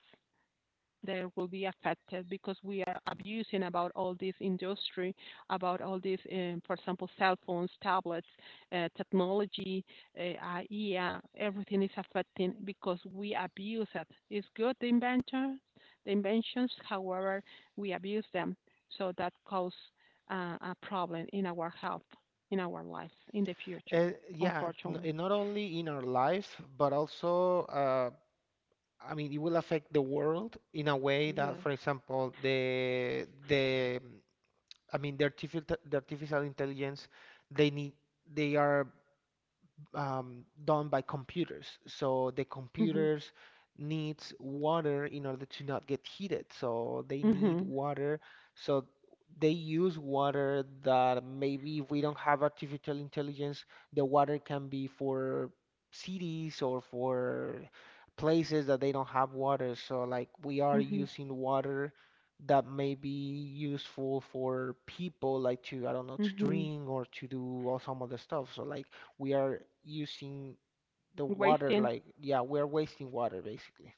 Speaker 1: that will be affected because we are abusing about all this industry, about all this, for example, cell phones, tablets, technology, yeah, everything is affecting because we abuse it. It's good the inventions, however, we abuse them, so that causes a problem in our health, in our lives, in the future,
Speaker 2: Yeah,
Speaker 1: unfortunately.
Speaker 2: and not only in our life, but also, I mean, it will affect the world in a way that, for
Speaker 1: Yes.
Speaker 2: example, the, I mean, the artificial, the artificial intelligence, they need, they are done by computers. So the
Speaker 1: Mhm.
Speaker 2: computers needs water in order to not get heated. So they need
Speaker 1: Mhm.
Speaker 2: water. So they use water that maybe if we don't have artificial intelligence, the water can be for cities or for places that they don't have water. So like we are
Speaker 1: Mhm.
Speaker 2: using water that may be useful for people like to, I don't know, to
Speaker 1: Mhm.
Speaker 2: drink or to do all some other stuff. So like we are using the water
Speaker 1: Wasting.
Speaker 2: like, yeah, we're wasting water basically.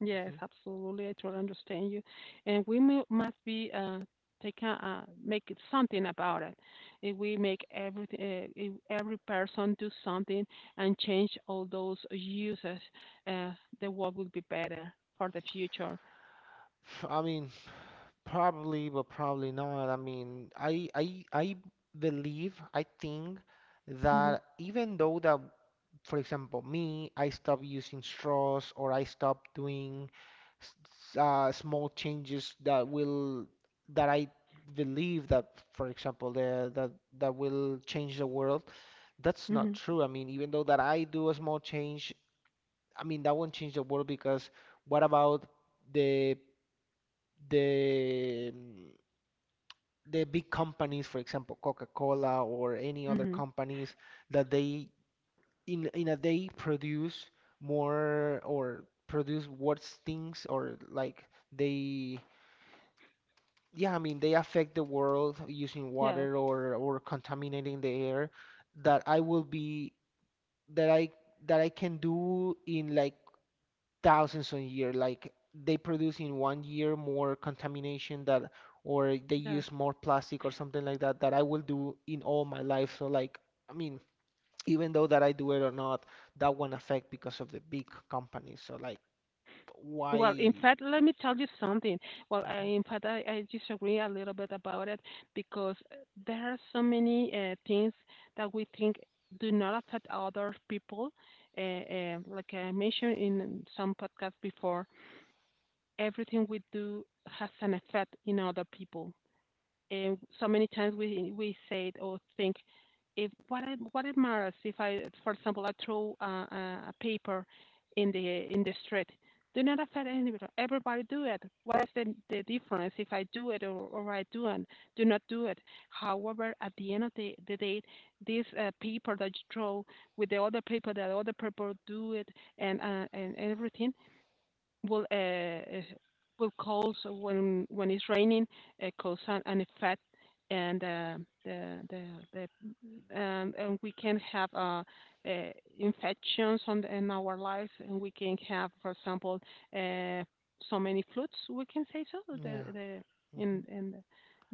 Speaker 1: Yes,
Speaker 2: Mhm.
Speaker 1: absolutely. I totally understand you. And we mu must be taking, make it something about it. If we make every if every person do something and change all those uses, uh the world will be better for the future.
Speaker 2: I mean, probably, but probably not. I believe, I think
Speaker 1: Mhm.
Speaker 2: that even though that, for example, me, I stop using straws or I stop doing s- small changes that will that I believe that, for example, the, that that will change the world. That's not
Speaker 1: Mhm.
Speaker 2: true. I mean, even though that I do a small change, I mean, that won't change the world because what about the the the big companies, for example, Coca-Cola or any other
Speaker 1: Mhm.
Speaker 2: companies that they in a day produce more or produce worse things or like they yeah, I mean they affect the world using
Speaker 1: Yes.
Speaker 2: water or contaminating the air that I will be that I that I can do in like thousands of years. Like they produce in 1 year more contamination that, or they
Speaker 1: Yes.
Speaker 2: use more plastic or something like that that I will do in all my life. So like, I mean, even though that I do it or not, that won't affect because of the big companies. So like,
Speaker 1: Well, in
Speaker 2: why?
Speaker 1: fact, let me tell you something. Well, I,
Speaker 2: Mhm.
Speaker 1: in fact, I disagree a little bit about it, because there are so many things that we think do not affect other people. Like I mentioned in some podcasts before, everything we do has an effect in other people. And so many times we say it or think, if what it, what it matters, if I, for example, I throw a, a paper in the street, do not affect anybody. Everybody do it. What is the difference if I do it, or I do not do it? However, at the end of the day, this paper that you throw with the other paper that other people do it, and everything will, will cause, when it's raining, cause an effect, and the the, the and we can have uh, infections on in our lives, and we can have, for example, uh, so many floods, we can say. So
Speaker 2: Yeah.
Speaker 1: the
Speaker 2: hmm
Speaker 1: in the-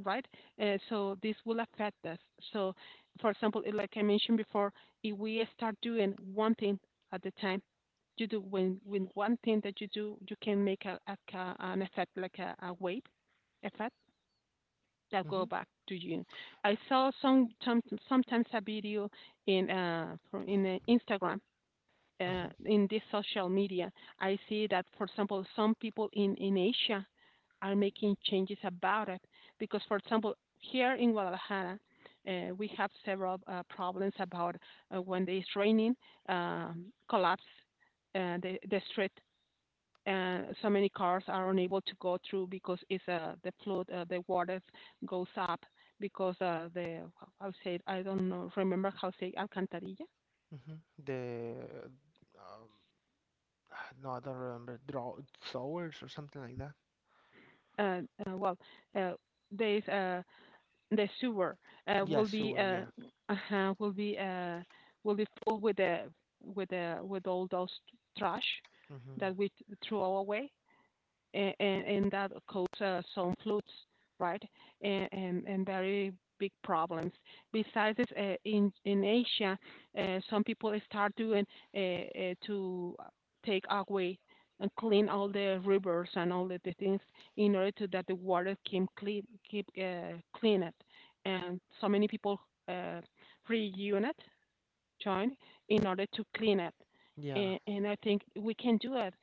Speaker 1: right. So this will affect us. So, for example, like I mentioned before, if we start doing one thing at the time, you do when with one thing that you do, you can make a, an effect like a wave effect that
Speaker 2: hmm
Speaker 1: go back to you. I saw some sometimes a video in from in Instagram.
Speaker 2: hmm
Speaker 1: In this social media, I see that, for example, some people in Asia are making changes about it. Because, for example, here in Guadalajara, we have several problems about when it's raining, collapse the street, and so many cars are unable to go through because it's the flood, the water goes up because the I would say, I don't know remember how say alcantarilla.
Speaker 2: hmm The um, no, I don't remember. Draw sewers or something like that.
Speaker 1: Uh, uh, well, uh, there's the sewer,
Speaker 2: Yeah,
Speaker 1: will be
Speaker 2: sewer. Yeah.
Speaker 1: will be will be full with the, with the with all those trash
Speaker 2: hmm
Speaker 1: that we threw throw away, and that causes some floods, right? And very big problems. Besides this, in Asia, some people start doing to take away and clean all the rivers and all the things, in order to that the water can clean, keep clean it. And so many people uh, reunite, join in order to clean it.
Speaker 2: Yeah.
Speaker 1: And I think we can do it.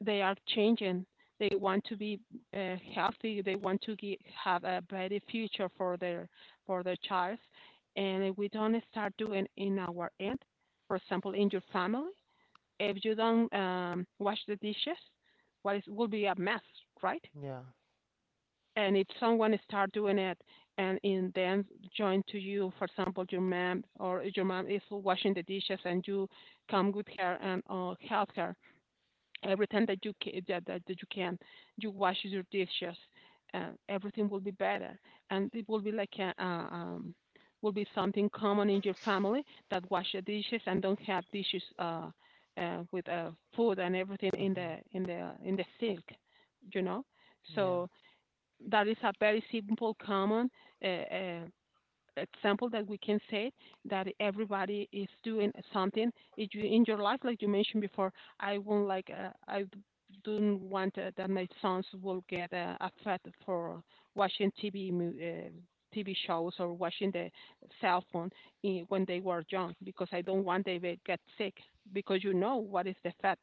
Speaker 1: They are changing. They want to be healthy. They want to ge have a better future for their, for their child. And if we don't start doing in our end, for example, in your family, if you don't wash the dishes, what is, will be a mess, right?
Speaker 2: Yeah.
Speaker 1: And if someone start doing it, and in then join to you, for example, your mom, or your mom is washing the dishes, and you come with her and, help her, everything that you can, that, that you can, you wash your dishes, everything will be better, and it will be like a, will be something common in your family, that wash the dishes and don't have dishes with food and everything in the
Speaker 2: hmm
Speaker 1: in the sink, you know.
Speaker 2: Yeah.
Speaker 1: So that is a very simple, common uh, uh, example, that we can say that everybody is doing something. If you in your life, like you mentioned before, I won't like, I don't want that my sons will get affected for watching TV shows, or watching the cell phone in, when they were young, because I don't want they will get sick, because you know what is the effect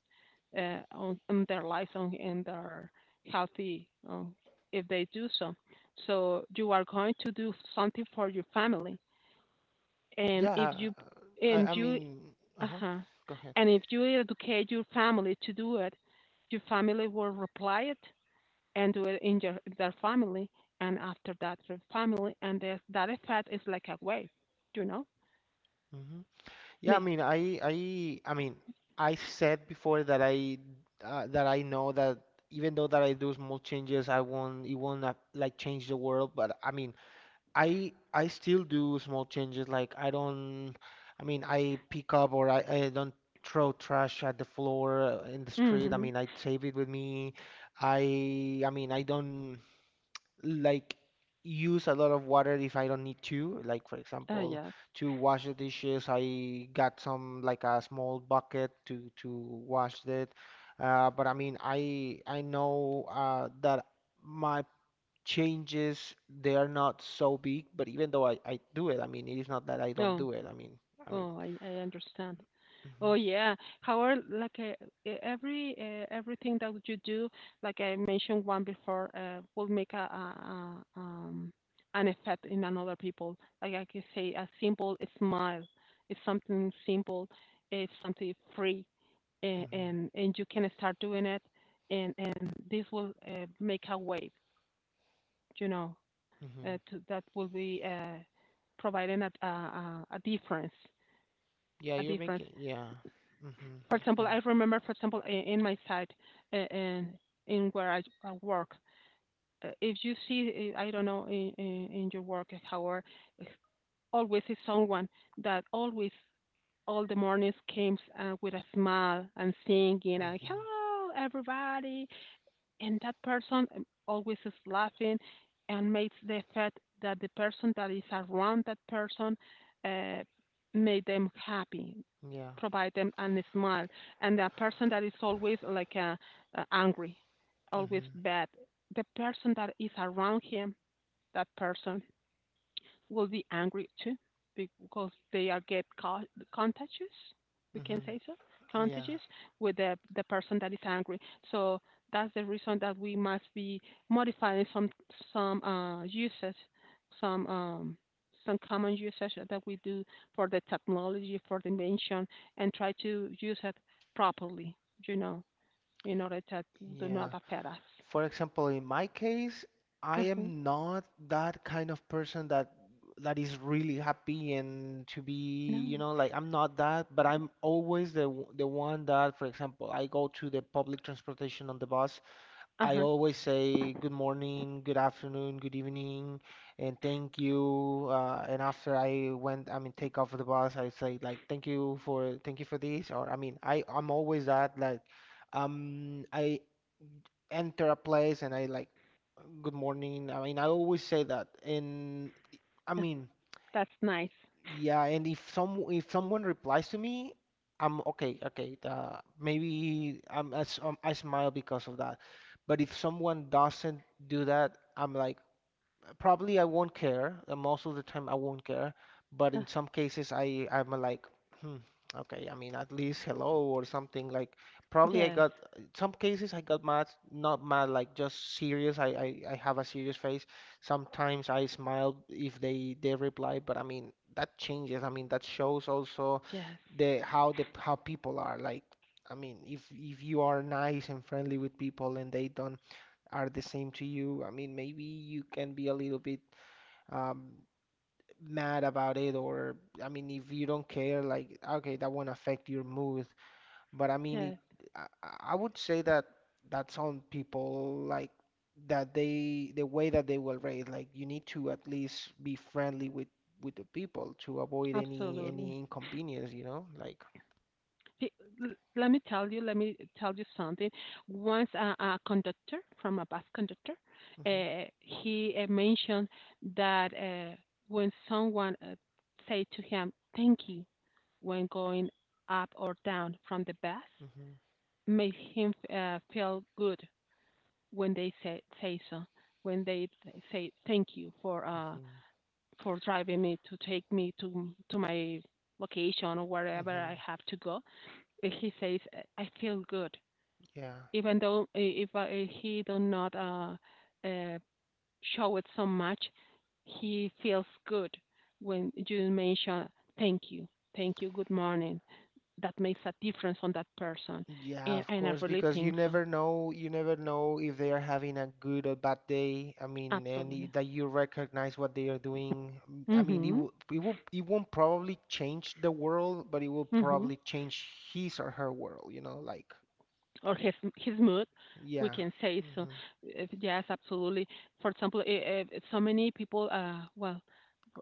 Speaker 1: on their lives, on and their healthy, if they do so. So you are going to do something for your family. and if
Speaker 2: Yeah,
Speaker 1: you and
Speaker 2: I, I
Speaker 1: you
Speaker 2: mean, uh-huh.
Speaker 1: uh
Speaker 2: Go ahead.
Speaker 1: and if you educate your family to do it, your family will reply it, and do it in your, their family, and after that their family, and there's, that effect is like a wave, you know.
Speaker 2: Hmm Yeah, I
Speaker 1: Me.
Speaker 2: mean, I I said before that I know that even though that I do small changes, I won't, it won't like change the world. But I mean, I still do small changes. Like I don't, I mean, I pick up or I don't throw trash at the floor in the street. I
Speaker 1: Mm-hmm.
Speaker 2: mean, I save it with me. I don't. like use a lot of water if I don't need to. Like for
Speaker 1: Ah,
Speaker 2: example,
Speaker 1: yes.
Speaker 2: to wash the dishes, I got some like a small bucket to wash it. But I mean, I know that my changes they are not so big. But even though I do it, I mean, it is not that I don't
Speaker 1: No.
Speaker 2: do it. I mean. I mean.
Speaker 1: Oh, I understand.
Speaker 2: Hmm
Speaker 1: Oh, yeah. However, like everything that you do, like I mentioned one before, will make a an effect in another people. Like I can say, a simple smile is something simple, it's something free, and
Speaker 2: hmm
Speaker 1: and you can start doing it, and this will, make a wave. You know,
Speaker 2: hmm
Speaker 1: that will be providing a difference,
Speaker 2: Yeah,
Speaker 1: a
Speaker 2: you're
Speaker 1: difference.
Speaker 2: making. Yeah. hmm
Speaker 1: For example,
Speaker 2: Okay.
Speaker 1: I remember, for example, in my site, in where I work, if you see, I don't know, in your work hour, always is someone that always all the mornings comes with a smile and singing, and
Speaker 2: hmm
Speaker 1: hello everybody, and that person always is laughing and makes the effect that the person that is around that person uh, made them happy,
Speaker 2: Yeah.
Speaker 1: provide them a smile, and the person that is always like angry, always
Speaker 2: hmm
Speaker 1: bad, the person that is around him, that person will be angry too because they are contagious. We can
Speaker 2: hmm
Speaker 1: say so,
Speaker 2: Yeah.
Speaker 1: contagious with the person that is angry. So that's the reason that we must be modifying some usage, some um, some common usage that we do for the technology, for the invention, and try to use it properly. You know, in order that do not
Speaker 2: Yeah.
Speaker 1: affect us.
Speaker 2: For example, in my case, I
Speaker 1: Uh huh.
Speaker 2: am not that kind of person that is really happy and to be,
Speaker 1: No.
Speaker 2: you know, like I'm not that, but I'm always the one that, for example, I go to the public transportation on the bus. I
Speaker 1: Uh-huh. Uh
Speaker 2: always say good morning, good afternoon, good evening, and thank you. And after I went, I mean, take off the bus, I say like thank you for this, or I mean, I I'm always that like. I enter a place and I like, good morning. I mean, I always say that. And I
Speaker 1: huh.
Speaker 2: mean,
Speaker 1: That's nice.
Speaker 2: yeah. And if someone replies to me, I'm okay. Okay, maybe I smile because of that. But if someone doesn't do that, I'm like, probably I won't care. Most of the time, I won't care. But
Speaker 1: Uh,
Speaker 2: in some cases, I'm like, hmm, okay. I mean, at least hello or something like. Probably I
Speaker 1: yes.
Speaker 2: got in some cases I got mad, not mad, like just serious. I have a serious face. Sometimes I smile if they reply, but I mean that changes. I mean that shows also
Speaker 1: Yes,
Speaker 2: the how people are like. I mean, if you are nice and friendly with people and they don't are the same to you. I mean, maybe you can be a little bit um, mad about it, or I mean, if you don't care, like, okay, that won't affect your mood. But
Speaker 1: yes,
Speaker 2: I would say that some people like that they the way that they will rate. Like you need to at least be friendly with the people to avoid any
Speaker 1: absolutely.
Speaker 2: inconvenience, you know, like.
Speaker 1: Pe- let me tell you something. Once a conductor, from a bus conductor,
Speaker 2: Hmm
Speaker 1: he mentioned that when someone say to him, "Thank you," when going up or down from the bus,
Speaker 2: hmm
Speaker 1: made him feel good when they say so, when they say thank you
Speaker 2: hmm
Speaker 1: for driving me, to take me to my location, or wherever I
Speaker 2: hmm
Speaker 1: have to go. And he says, I feel good,
Speaker 2: Yeah.
Speaker 1: even though I- if I, he do not uh, show it so much, he feels good when you mention thank you, thank you, good morning. That makes a difference on that person,
Speaker 2: Yeah,
Speaker 1: and
Speaker 2: of
Speaker 1: and I
Speaker 2: course,
Speaker 1: really
Speaker 2: because
Speaker 1: think so.
Speaker 2: you never know if they are having a good or bad day. I mean, and y-
Speaker 1: Absolutely.
Speaker 2: that you recognize what they are doing. Mm, I mean,
Speaker 1: Mhm.
Speaker 2: it won't probably change the world, but it will
Speaker 1: Mhm.
Speaker 2: probably change his or her world, you know, like,
Speaker 1: Or his mood, we
Speaker 2: yeah.
Speaker 1: can say so.
Speaker 2: Mm-hmm,
Speaker 1: If, yes, absolutely, for example, if so many people, uh, well,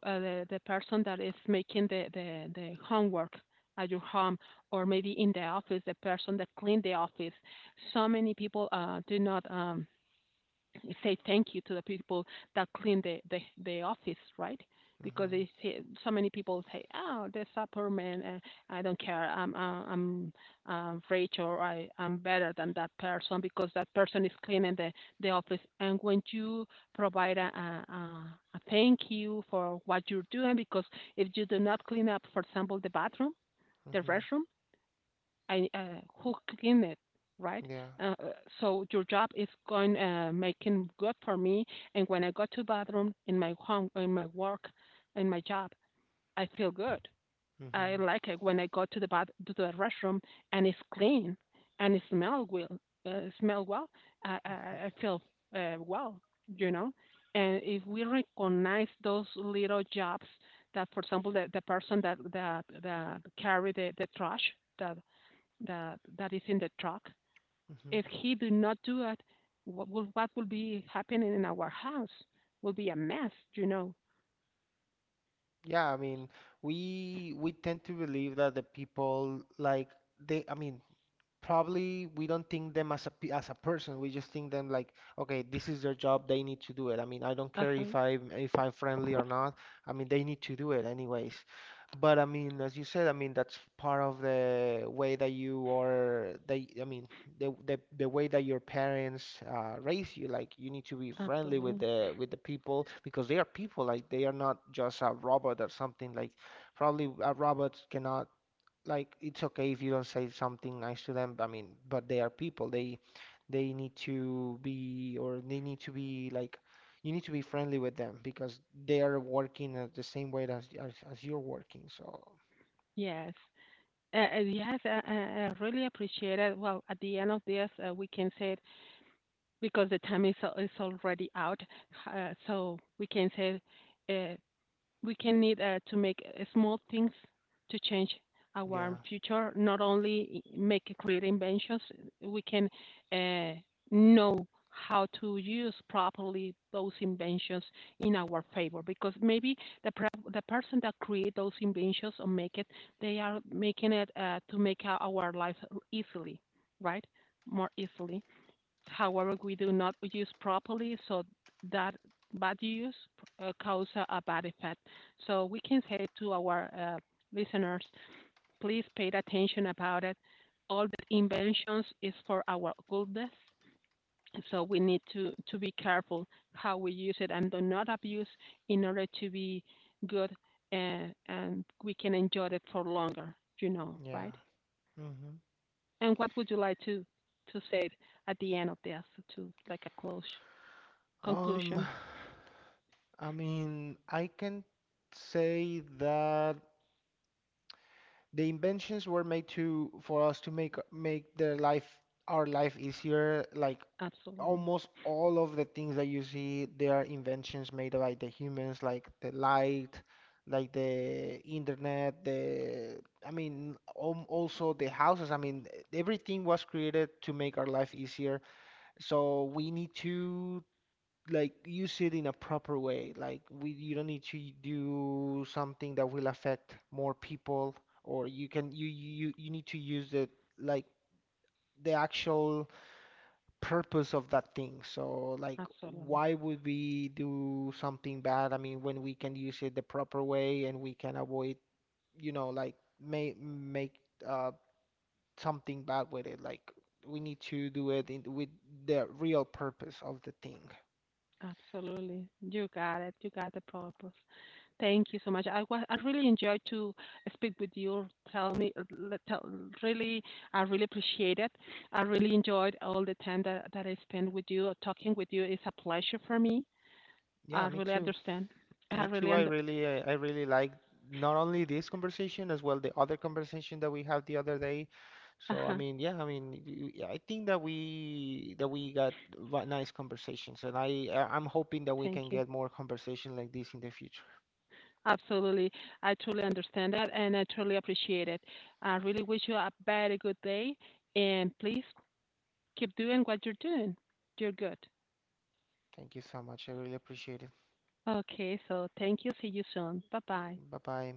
Speaker 1: the person that is making the homework at your home, or maybe in the office, the person that clean the office, so many people do not say thank you to the people that clean the office, right? Because
Speaker 2: mm-hmm,
Speaker 1: they say, so many people say, "Oh, the superman, I don't care. I'm rich, or I'm better than that person because that person is cleaning the office." And when you provide a a thank you for what you're doing, because if you do not clean up, for example, the bathroom, the
Speaker 2: mm-hmm,
Speaker 1: restroom, I who clean it, right?
Speaker 2: yeah.
Speaker 1: Uh, uh, so your job is going making good for me, and when I go to bathroom in my home, in my work, in my job, I feel good. I
Speaker 2: Mm-hmm,
Speaker 1: like it when I go to the bath to the restroom and it's clean and it smell well. Smell well. I I,
Speaker 2: mm-hmm,
Speaker 1: I feel well, you know. And if we recognize those little jobs, that for example, the person that carry the trash, that that is in the truck.
Speaker 2: mm-hmm.
Speaker 1: If he do not do it, what will be happening in our house? Will be a mess, you know.
Speaker 2: Yeah, I mean, we tend to believe that the people like they, I mean, probably we don't think them as as a person. We just think them like, okay, this is their job, they need to do it. I mean, I don't
Speaker 1: Uh
Speaker 2: care
Speaker 1: huh.
Speaker 2: if I if I'm friendly or not. I mean, they need to do it anyways. But I mean, as you said, I mean, that's part of the way that you are, they, I mean, the way that your parents raise you. Like you need to be friendly
Speaker 1: Absolutely.
Speaker 2: with the people because they are people. Like they are not just a robot or something. Like probably a robot cannot. Like it's okay if you don't say something nice to them. I mean, but they are people. They need to be or they need to be like you need to be friendly with them because they are working at the same way as as you're working. So
Speaker 1: Yes. Yes, I really appreciate it. Well, at the end of this, we can say it because the time is, is already out. So we can say uh, we can need to make small things to change our
Speaker 2: yeah,
Speaker 1: future. Not only eh, make create inventions, we can uh, know how to use properly those inventions in our favor. Because maybe the the person that create those inventions or make it, they are making it to make our life easily, right? More easily, however, we do not use properly, so that bad use cause a bad effect. So we can say to our listeners, please pay attention about it. All the inventions is for our goodness, so we need to be careful how we use it, and do not abuse, in order to be good, and we can enjoy it for longer, you know,
Speaker 2: yeah.
Speaker 1: right?
Speaker 2: hmm
Speaker 1: And what would you like to say at the end of this, to like a close?
Speaker 2: Um.
Speaker 1: Conclusion.
Speaker 2: I mean, I can say that the inventions were made to for us to make their life our life easier. Like
Speaker 1: Absolutely.
Speaker 2: almost all of the things that you see, they are inventions made by the humans, like the light, like the internet, also the houses. I mean, everything was created to make our life easier. So we need to like use it in a proper way. Like you don't need to do something that will affect more people, or you can you need to use it like the actual purpose of that thing. So like
Speaker 1: Absolutely.
Speaker 2: why would we do something bad? I mean, when we can use it the proper way and we can avoid, you know, like make uh something bad with it. Like we need to do it in, with the real purpose of the thing.
Speaker 1: Absolutely. You got it. You got the purpose. Thank you so much. I really enjoyed to speak with you. Tell me, really, I really appreciate it. I really enjoyed all the time that I spent with you, talking with you. It's a pleasure for me.
Speaker 2: Yeah,
Speaker 1: I
Speaker 2: me
Speaker 1: really
Speaker 2: too.
Speaker 1: understand. I
Speaker 2: Me
Speaker 1: really
Speaker 2: too.
Speaker 1: under,
Speaker 2: I really like not only this conversation as well the other conversation that we had the other day. So I
Speaker 1: uh-huh.
Speaker 2: mean, yeah, I mean, I think that we got nice conversations, and I I'm hoping that we can
Speaker 1: Thank you.
Speaker 2: get more conversation like this in the future.
Speaker 1: Absolutely. I truly understand that, and I truly appreciate it. I really wish you a very good day, and please keep doing what you're doing. You're good.
Speaker 2: Thank you so much. I really appreciate it.
Speaker 1: Okay, so thank you. See you soon. Bye bye.
Speaker 2: Bye bye.